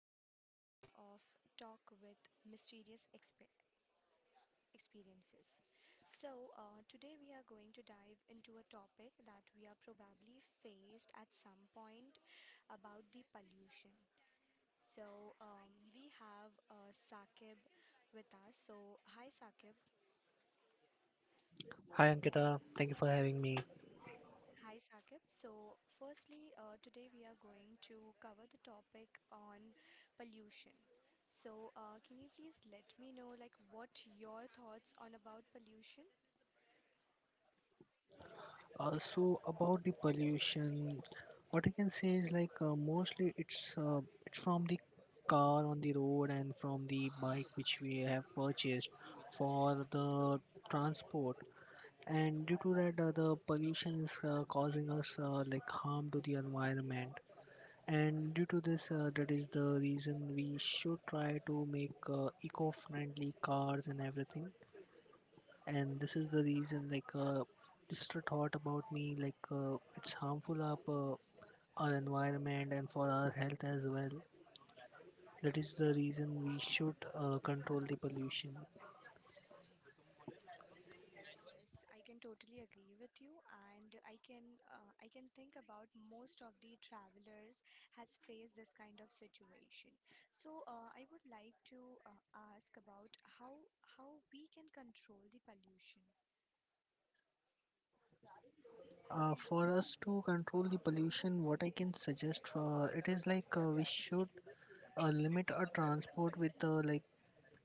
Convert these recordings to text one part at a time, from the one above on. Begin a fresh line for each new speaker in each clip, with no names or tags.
another episode of Talk with Mysterious Expe- Experiences. Today we are going to dive into a topic that we are probably faced at some point about the pollution. We have Saqib with us. So, hi, Saqib.
Hi Ankita, thank you for having me.
Hi Saqib. Today we are going to cover the topic on pollution. Can you please let me know like what your thoughts on about pollution?
So about the pollution, what I can say is mostly it's from the car on the road and from the bike which we have purchased for the transport. And due to that, the pollution is causing us like harm to the environment. And due to this, that is the reason we should try to make eco-friendly cars and everything, and this is the reason just a thought about me it's harmful up our environment and for our health as well. That is the reason we should control the pollution.
Yes, I can totally agree with you, and I can think about most of the travelers has faced this kind of situation. I would like to ask about how we can control the pollution.
For us to control the pollution, what I can suggest for it is like we should limit our transport with like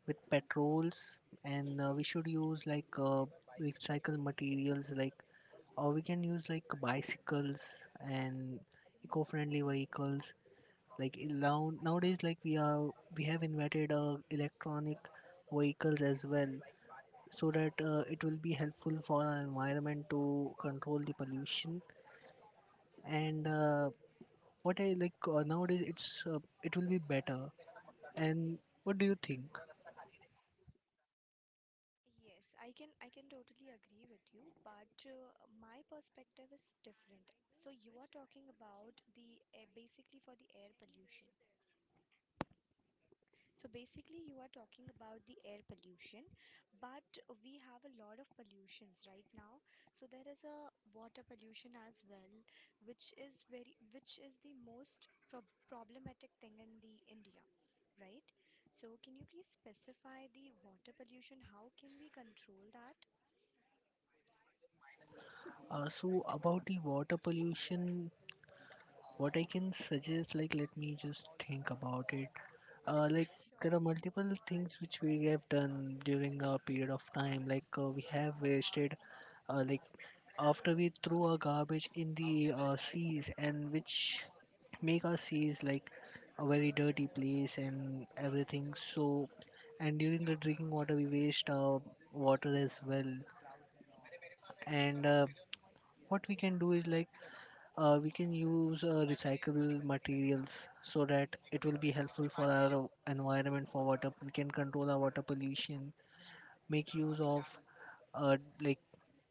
with petrols, and we should use recycled materials, like, or we can use like bicycles and eco-friendly vehicles. Like in now Nowadays, we have invented electronic vehicles as well, so that it will be helpful for our environment to control the pollution. And what I like nowadays it will be better. And what do you think?
Yes, I can totally agree with you, but my perspective is different. So you are talking about the air, basically for the air pollution. So basically you are talking about the air pollution, but we have a lot of pollutions right now. So there is a water pollution as well, which is very which is the most problematic thing in the India, right? So can you please specify the water pollution? How can we control that?
So about the water pollution, what I can suggest, like, let me just think about it. uh, like
Yeah,
there
sure.
are multiple things which we have done during our period of time, we have wasted, uh, like after we throw our garbage in the seas, and which make our seas like a very dirty place and everything. So, and during the drinking water, we waste our water as well. And what we can do is like we can use recyclable materials, so that it will be helpful for our environment. For water, we can control our water pollution. Make use of uh, like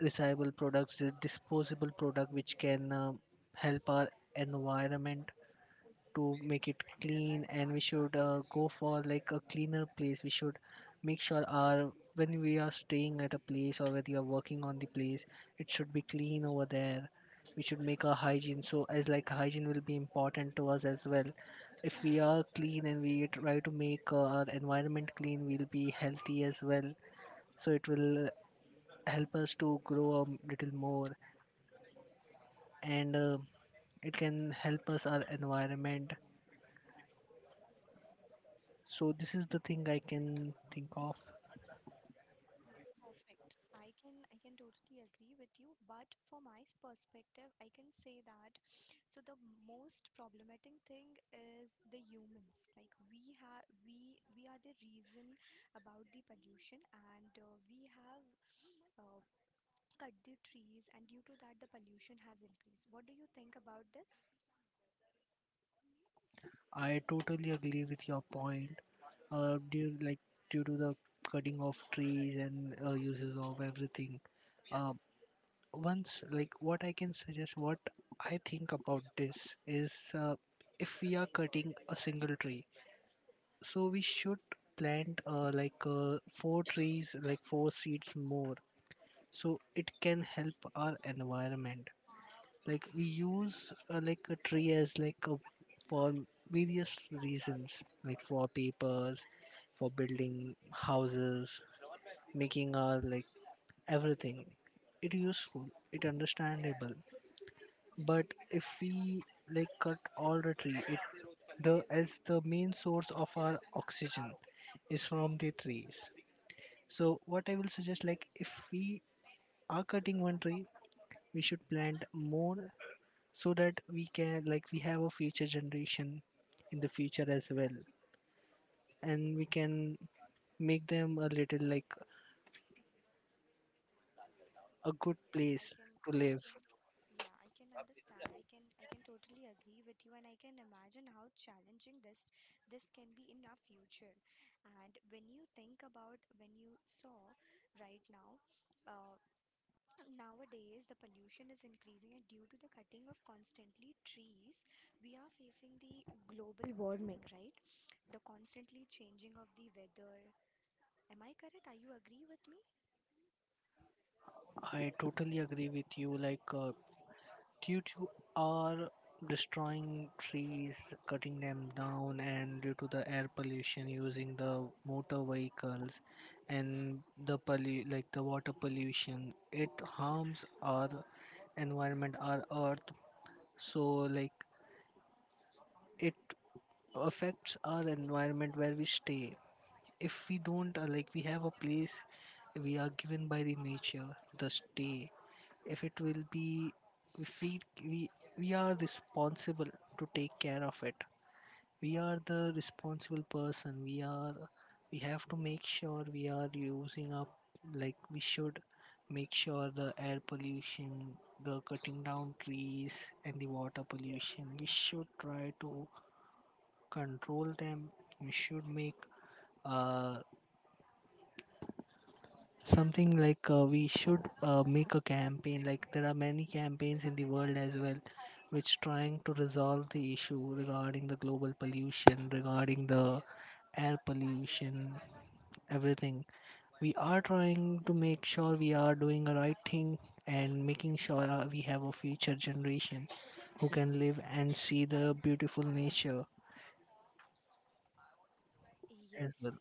recyclable products, the disposable product, which can help our environment to make it clean. And we should go for like a cleaner place. We should make sure our, when we are staying at a place or when you are working on the place, it should be clean over there. We should make our hygiene, so as like hygiene will be important to us as well. If we are clean and we try to make our environment clean, we'll be healthy as well. So it will help us to grow a little more, and it can help us our environment. So this is the thing I can think of.
Yes, perfect. I can totally agree with you, but from my perspective, I can say that so the most problematic thing is the humans. Like we have we are the reason about the pollution, and we have uh, cut the trees, and due to that the pollution has increased. What do you think about this?
I totally agree with your point. Due due to the cutting of trees and uses of everything, uh, once, like, what I can suggest, what I think about this is, if we are cutting a single tree, so we should plant four trees, like four seeds more, so it can help our environment. Like, we use like a tree as like a, for various reasons, like for papers, for building houses, making our like everything. It useful, it understandable, but if we like cut all the tree, it, the, as the main source of our oxygen is from the trees. So what I will suggest, like, if we are cutting one tree, we should plant more, so that we can, like, we have a future generation in the future as well, and we can make them a little like a good
Yes,
place to
I
live.
can, yeah, I can understand. I can totally agree with you, and I can imagine how challenging this can be in our future. And when you think about when you saw right now, uh, nowadays the pollution is increasing, and due to the cutting of constantly trees, we are facing the global warming, right? The constantly changing of the weather. Am I correct? Are you agree with me?
I totally agree with you. Due to our destroying trees, cutting them down, and due to the air pollution, using the motor vehicles, and the like the water pollution, it harms our environment, our earth. So, like, it affects our environment where we stay. If we don't, we have a place we are given by the nature, the stay. If it will be, if we we are responsible to take care of it. We are the responsible person. We are, we have to make sure we are using up, like we should make sure the air pollution, the cutting down trees, and the water pollution. We should try to control them. We should make uh, something like we should make a campaign. Like, there are many campaigns in the world as well, which trying to resolve the issue regarding the global pollution, regarding the air pollution, everything. We are trying to make sure we are doing the right thing, and making sure we have a future generation who can live and see the beautiful nature as
Yes,
well.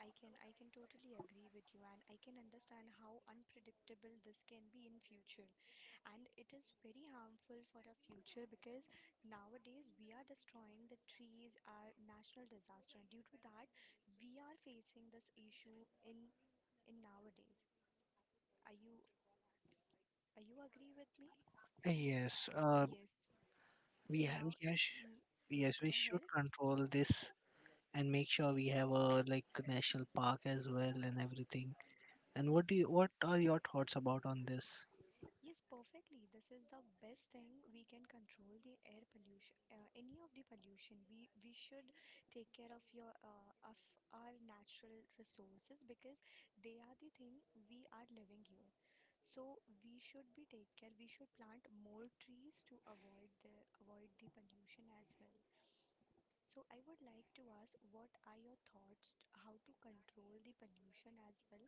I can totally agree with you and I can understand how unpredictable this can be in future and it is very harmful for our future because nowadays we are destroying the trees our national disaster due to that we are facing this issue in nowadays. Are you are you agree with me?
Yes,
Yes. so
we have,
now
yes.
mm, yes,
Yes,
go
we
ahead.
should control this and make sure we have a like national park as well and everything. And what do you, what are your thoughts about on this?
Yes, perfectly. This is the best thing we can control the air pollution, any of the pollution. We should take care of your of our natural resources because they are the thing we are living here. So we should be take care. We should plant more trees to avoid the pollution as well. So I would like to ask, what are your thoughts how to control the pollution as well?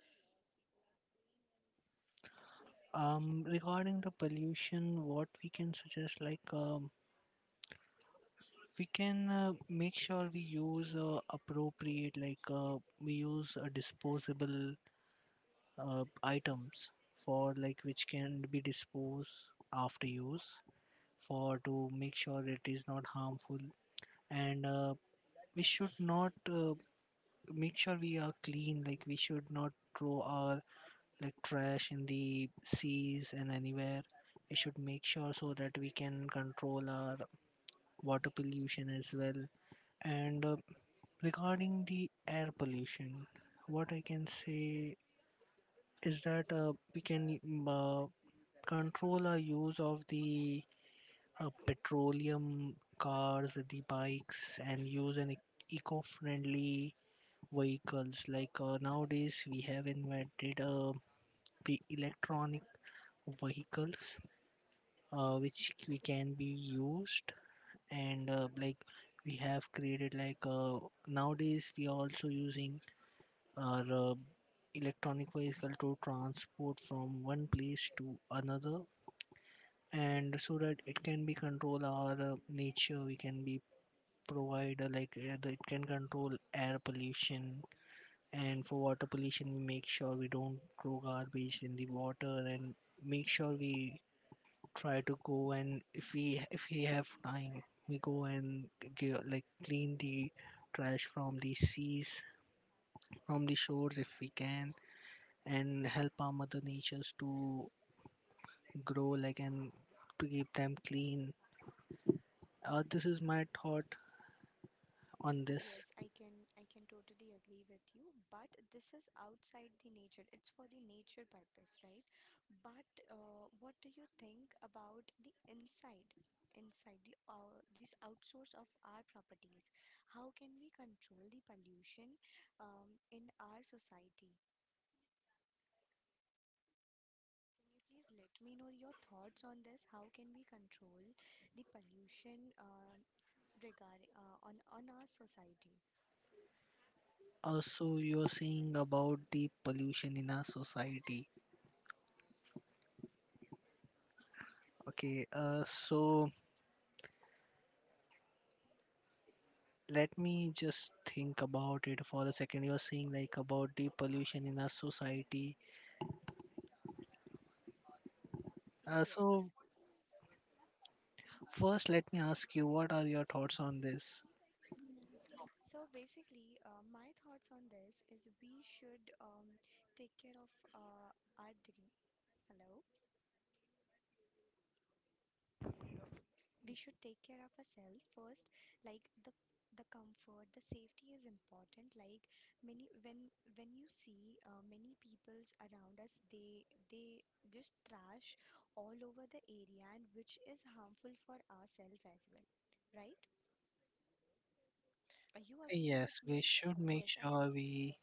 Regarding the pollution, what we can suggest, like, we can make sure we use appropriate, we use disposable items for, like, which can be disposed after use, for to make sure it is not harmful. And we should not, make sure we are clean, like we should not throw our like trash in the seas and anywhere. We should make sure, so that we can control our water pollution as well. And regarding the air pollution, what I can say is that we can control our use of the petroleum cars, the bikes, and use an eco-friendly vehicles. Nowadays, we have invented the electronic vehicles, which we can be used. And like we have created nowadays, we are also using our electronic vehicle to transport from one place to another, and so that it can be control our nature. We can be provide it can control air pollution. And for water pollution, we make sure we don't throw garbage in the water, and make sure we try to go, and if we have time, we go and like clean the trash from the seas, from the shores if we can, and help our mother natures to grow, like, and to keep them clean. This is my thought on this.
Yes, I can totally agree with you, but this is outside the nature. It's for the nature purpose, right? But what do you think about the inside the this outsource of our properties? How can we control the pollution in our society? Can you please let me know your thoughts on this? How can we control the pollution regarding on our society?
Also, you are saying about the pollution in our society. Okay, so let me just think about it for a second. You're saying like about the pollution in our society.
Yes.
So first, let me ask you, what are your thoughts on this?
So basically, my thoughts on this is we should take care of our dignity. Hello, we should take care of ourselves first. Like the comfort, the safety is important. Like many when you see many peoples around us, they just trash all over the area, and which is harmful for ourselves as well, right? You agree with
Yes, we
me?
should make
Yes, and it's
sure we.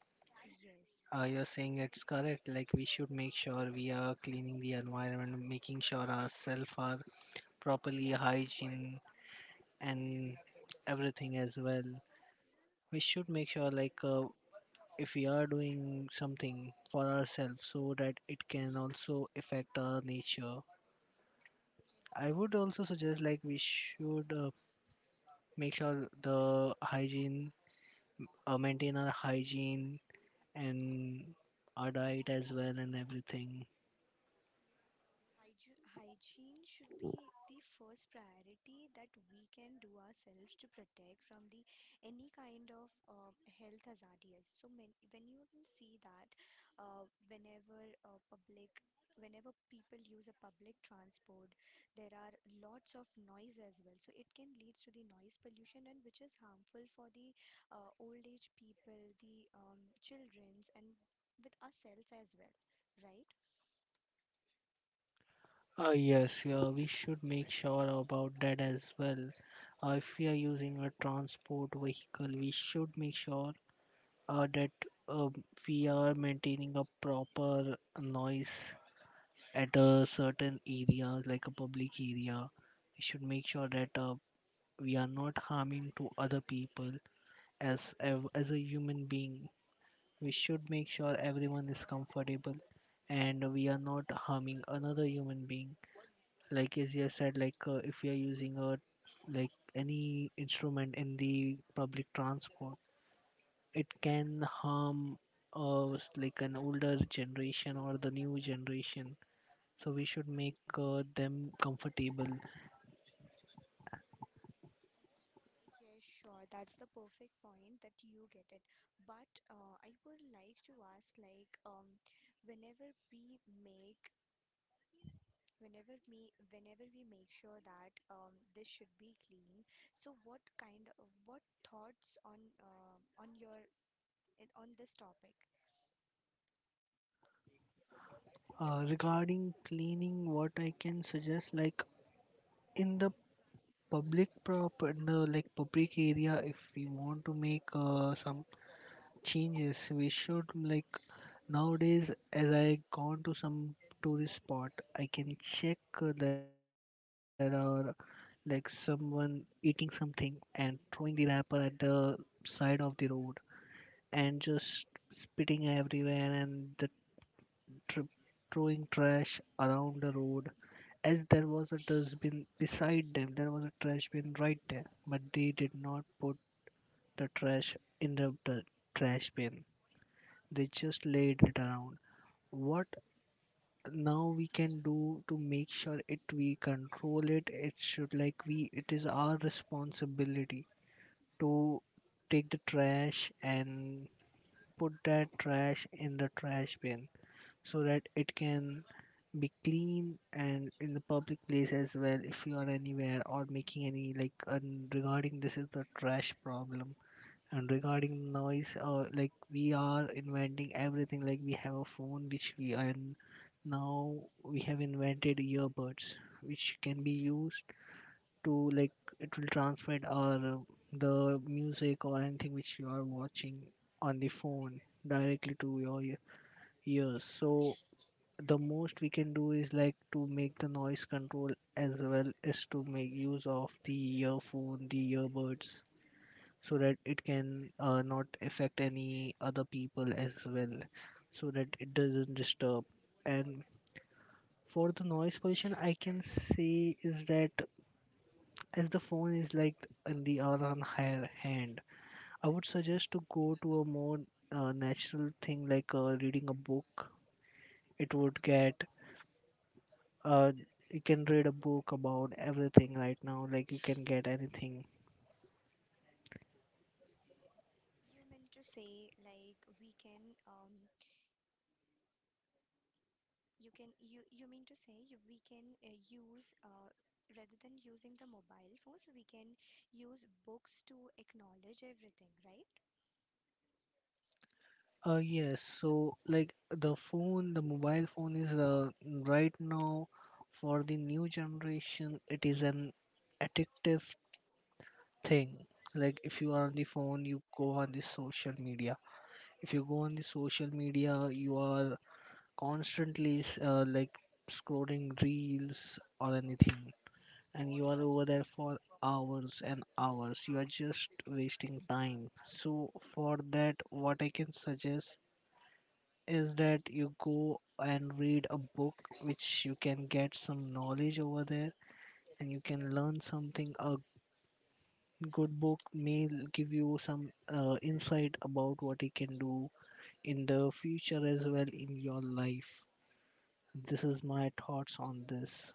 yes.
You're saying it's correct. Like, we should make sure we are cleaning the environment, making sure ourselves are properly hygiene and everything as well. We should make sure if we are doing something for ourselves, so that it can also affect our nature. I would also suggest like we should make sure the hygiene, maintain our hygiene and our diet as well and everything.
Hygiene, hygiene should be the first priority that we can do ourselves to protect from the any kind of health hazardous. So when you can see that uh, whenever uh, public whenever people use a public transport there are lots of noise as well so it can leads to the noise pollution and which is harmful for the old age people the childrens and with ourselves as well, right?
Yes, yeah, we should make sure about that as well. If we are using a transport vehicle, we should make sure that uh, we are maintaining a proper noise at a certain area, like a public area. We should make sure that we are not harming to other people. As a human being, we should make sure everyone is comfortable and we are not harming another human being. Like, as you have said, if we are using a like any instrument in the public transport, it can harm uh, like an older generation or the new generation. So we should make them comfortable.
Yeah, sure. That's the perfect point that you get it. But I would like to ask, like, whenever we make, whenever we make sure that this should be clean. So, what thoughts on on this topic?
Regarding cleaning, what I can suggest, like, in the public proper, in the like public area, if we want to make some changes, we should, like, nowadays, as I gone to some tourist spot, I can check, there are like someone eating something and throwing the wrapper at the side of the road, and just spitting everywhere, and the tr- throwing trash around the road. As there was a dustbin beside them, there was a trash bin right there, but they did not put the trash in the trash bin. They just laid it around. What now we can do to make sure it we control it? It should like we it is our responsibility to take the trash and put that trash in the trash bin so that it can be clean and in the public place as well if you are anywhere or making any like. And regarding this is the trash problem, and regarding noise, like we are inventing everything, like we have a phone which we and now we have invented earbuds which can be used to like it will transmit our the music or anything which you are watching on the phone directly to your ears. So the most we can do is like to make the noise control as well as to make use of the earphone, the earbuds, so that it can not affect any other people as well, so that it doesn't disturb. And for the noise pollution, I can say is that as the phone is like in the are on higher hand, I would suggest to go to a more natural thing like reading a book. It would get uh you can read a book about everything right now, like you can get anything.
You meant to say, like, you mean to say we can use rather than using the mobile phones, we can use books to acknowledge everything, right?
Yes, so like the phone, the mobile phone is right now for the new generation it is an addictive thing. Like if you are on the phone you go on the social media, if you go on the social media you are constantly like scrolling reels or anything, and you are over there for hours and hours. You are just wasting time. So, for that, what I can suggest is that you go and read a book which you can get some knowledge over there and you can learn something. A good book may give you some insight about what you can do in the future as well in your life. This is my thoughts on this.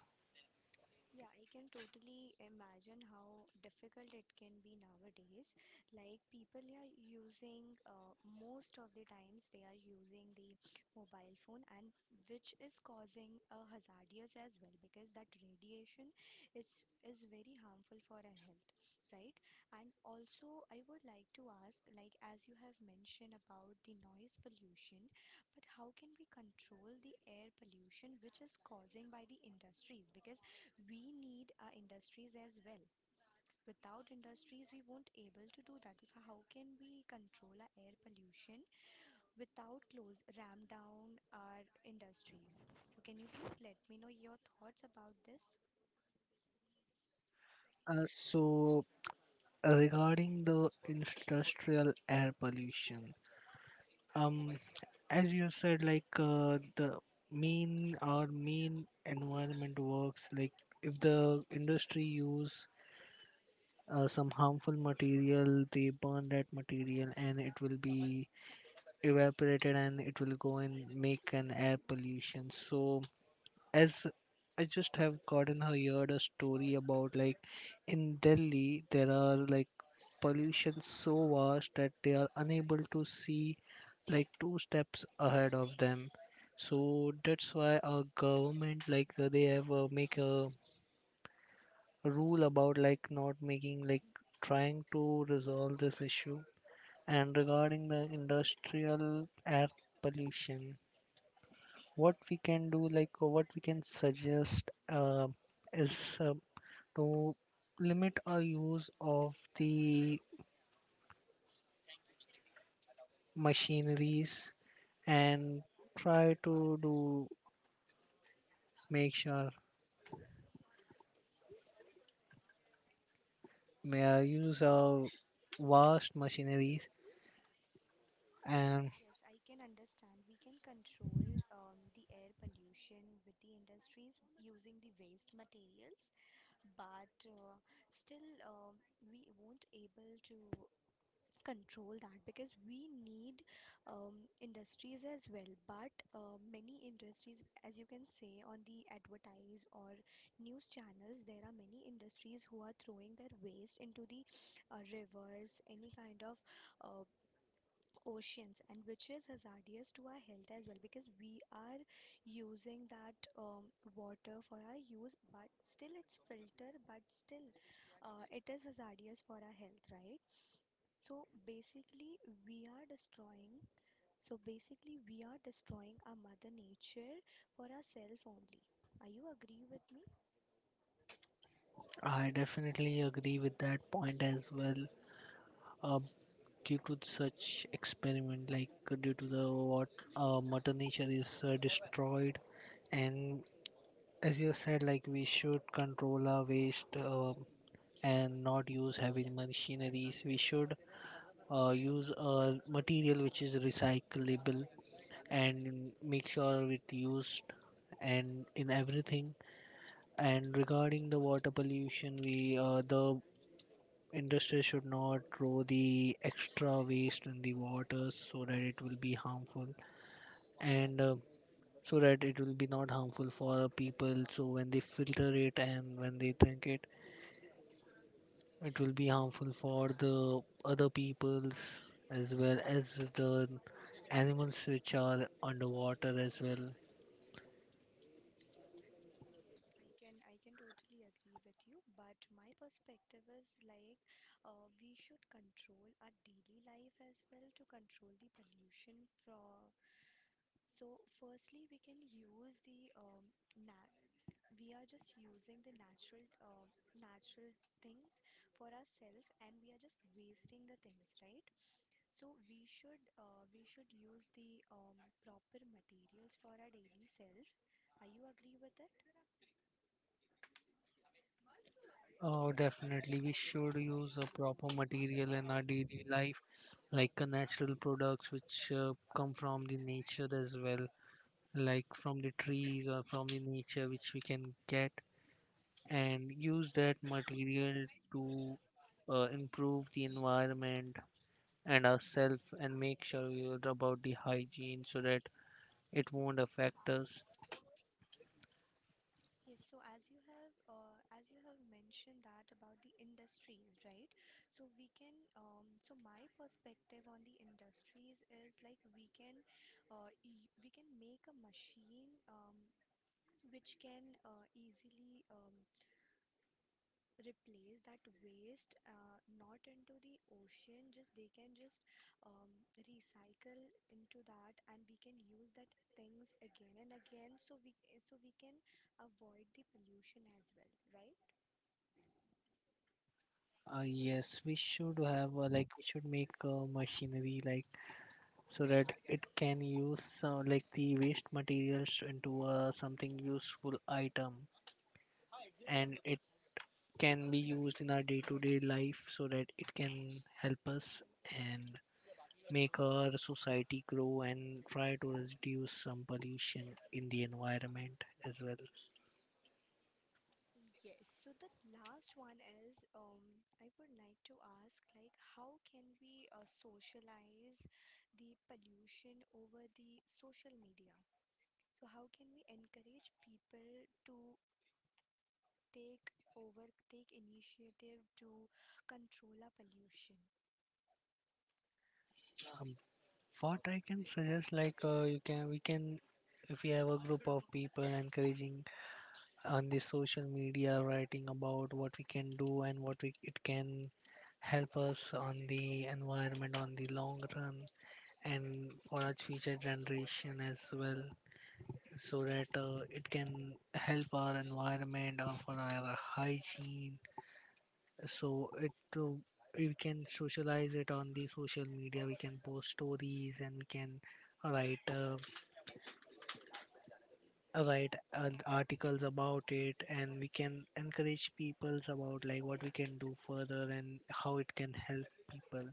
Yeah, I can totally imagine how difficult it can be nowadays. Like people are using most of the times they are using the mobile phone and which is causing a hazardous as well because that radiation is is very harmful for our health, right? And also I would like to ask like as you have mentioned about the noise pollution, but how can we control the air pollution which is causing by the industries because we need our industries as well. Without industries, we won't able to do that. So how can we control our air pollution without close ram down our industries? So can you please let me know your thoughts about this?
So regarding the industrial air pollution, um as you said, like the main our main environment works like if the industry use some harmful material they burn that material and it will be evaporated and it will go and make an air pollution. So as I just have gotten heard a story about like in Delhi there are like pollution so vast that they are unable to see like two steps ahead of them. So that's why our government like they have make a rule about like not making like trying to resolve this issue. And regarding the industrial air pollution, what we can do, like what we can suggest, is uh, to limit our use of the machineries and try to do make sure may I use of vast machineries and
Yes, I can understand. We can control the air pollution with the industries using the waste materials, but still we won't able to control that because we need industries as well but many industries as you can say on the advertise or news channels there are many industries who are throwing their waste into the rivers any kind of uh, oceans and which is hazardous to our health as well because we are using that water for our use but still it's filtered but still it is hazardous for our health, right? so basically, we are destroying. So basically, we are destroying our mother nature for ourselves only. Are you agree with me?
I definitely agree with that point as well. Uh, Due to such experiment, like due to the what Mother Nature is destroyed, and as you said, like we should control our waste and not use heavy machineries. We should use a material which is recyclable and make sure it used and in everything. And regarding the water pollution, we the industry should not throw the extra waste in the water so that it will be harmful and so that it will be not harmful for people. So when they filter it and when they drink it, it will be harmful for the other peoples as well as the animals which are underwater as well.
Yes, I can totally agree with you, but my perspective is like we should control our daily life as well to control the pollution from so firstly we can use the na we are just using the natural things for ourselves and we are just wasting the things, right? So we should use the proper materials for our daily self. Are you agree with that?
Oh, definitely. We should use a proper material in our daily life, like natural products which come from the nature as well, like from the trees or from the nature which we can get, and use that material to improve the environment and ourselves, and make sure we are about the hygiene so that it won't affect us.
Yes, so as you have mentioned that about the industries, right? So we can so my perspective on the industries is like we can we can make a machine which can easily replace that waste not into the ocean just they can just recycle into that and we can use that things again and again so we can avoid the pollution as well, right?
Yes, we should have like we should make machinery like so that it can use some, like the waste materials into something useful item and it can be used in our day-to-day life so that it can help us and make our society grow and try to reduce some pollution in the environment as well.
Yes, so the last one is I would like to ask like how can we socialize the pollution over the social media? So how can we encourage people to take initiative to control our pollution?
um, what I can suggest, like you can we can if we have a group of people encouraging on the social media writing about what we can do and what we, it can help us on the environment on the long run and for our future generation as well, so that it can help our environment or for our hygiene. So it uh, we can socialize it on the social media, we can post stories and we can write articles about it and we can encourage peoples about like what we can do further and how it can help people.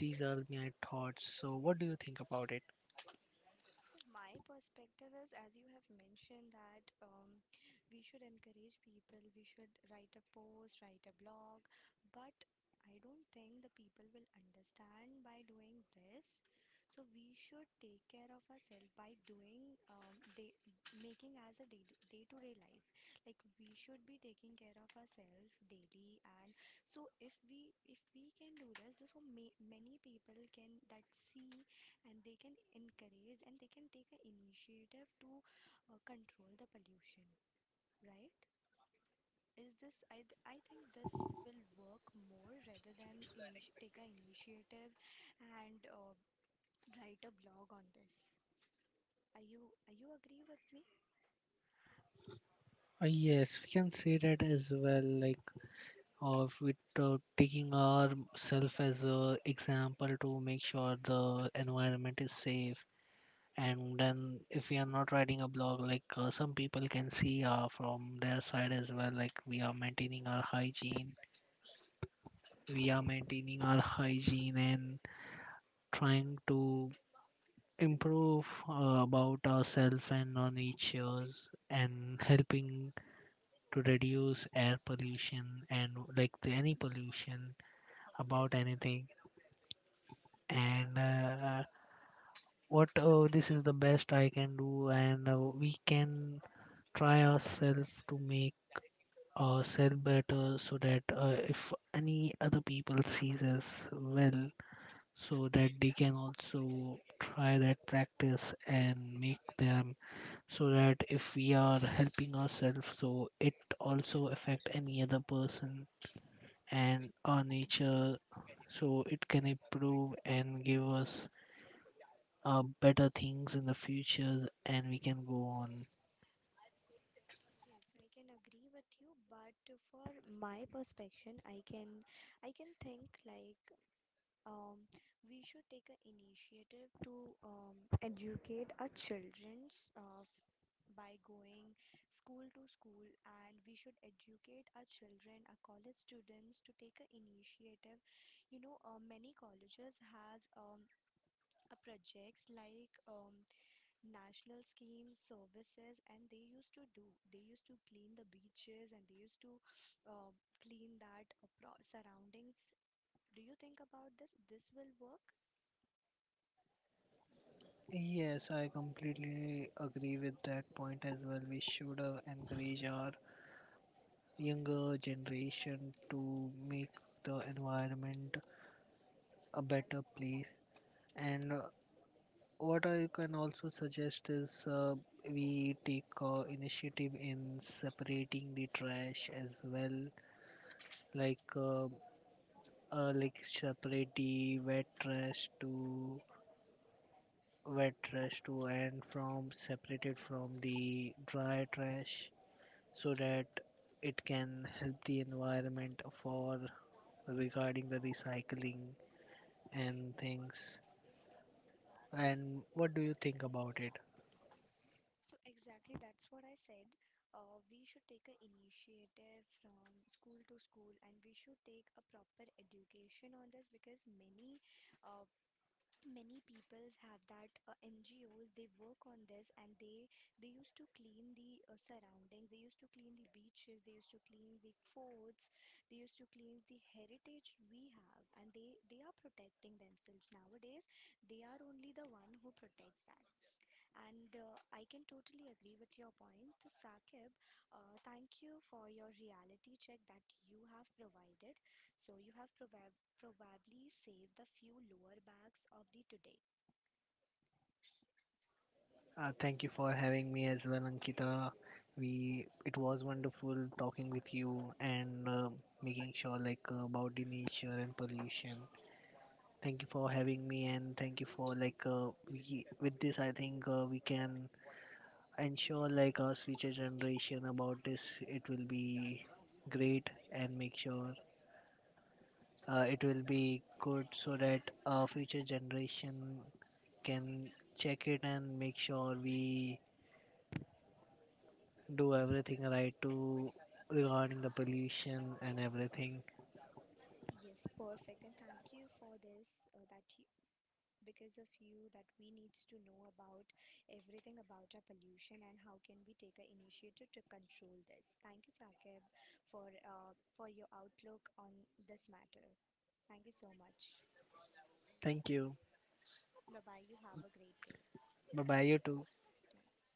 These are my thoughts, so what do you think about it?
So my perspective is, as you have mentioned, that we should encourage people. We should write a post, write a blog, but I don't think the people will understand by doing this. So we should take care of ourselves by doing making as a day to day life. Like we should be taking care of ourselves daily, and so if we can do this, so ma many people can that see and they can encourage and they can take an initiative to control the pollution, right? Is this I think this will work more rather than take an initiative and write a blog on this. Are you agree with me?
Yes, we can say that as well, like of with taking ourself as a example to make sure the environment is safe. And then if we are not writing a blog, like some people can see from their side as well, like we are maintaining our hygiene we are maintaining our hygiene and trying to improve about ourselves and our natures, and helping to reduce air pollution and like the, any pollution about anything. And what oh this is the best I can do, and we can try ourselves to make ourselves better so that if any other people sees us well, so that they can also try that practice and make them, so that if we are helping ourselves so it also affect any other person and our nature, so it can improve and give us better things in the future and we can go on.
Yes, I can agree with you, but for my perspection, I can think like um, we should take an initiative to educate our childrens by going school to school and we should educate our children our college students to take a initiative, you know many colleges has a projects like national schemes services and they used to clean the beaches and they used to uh, clean surroundings. Do you think about this this will work?
Yes, I completely agree with that point as well. We should encourage our younger generation to make the environment a better place. And what I can also suggest is, we take initiative in separating the trash as well, like uh, like separate the wet trash to and from separated from the dry trash, so that it can help the environment for regarding the recycling and things. And what do you think about it?
So exactly that's what I said. We should take an initiative from school to school and we should take a proper education on this because many uh, many peoples have that ngos they work on this and they used to clean the surroundings, they used to clean the beaches, they used to clean the forts, they used to clean the heritage we have and they are protecting themselves nowadays, they are only the one who protects that. And I can totally agree with your point to Saqib. Thank you for your reality check that you have provided, so you have provided probably save the few lower bags of the today.
Thank you for having me as well, Ankita. We it was wonderful talking with you and making sure like about the nature and pollution. Thank you for having me and thank you for like we with this I think we can ensure like our future generation about this. It will be great and make sure it will be good so that our future generation can check it and make sure we do everything right to regarding the pollution and everything.
Yes, perfect. And thank you for this. That you, because of you, that we needs to know about everything about our pollution and how can we take an initiative to control this. Thank you, Sakib, for your outlook on this matter. Thank you so much.
Thank you.
Bye bye. You have a great day.
Bye bye, you too.
Bye.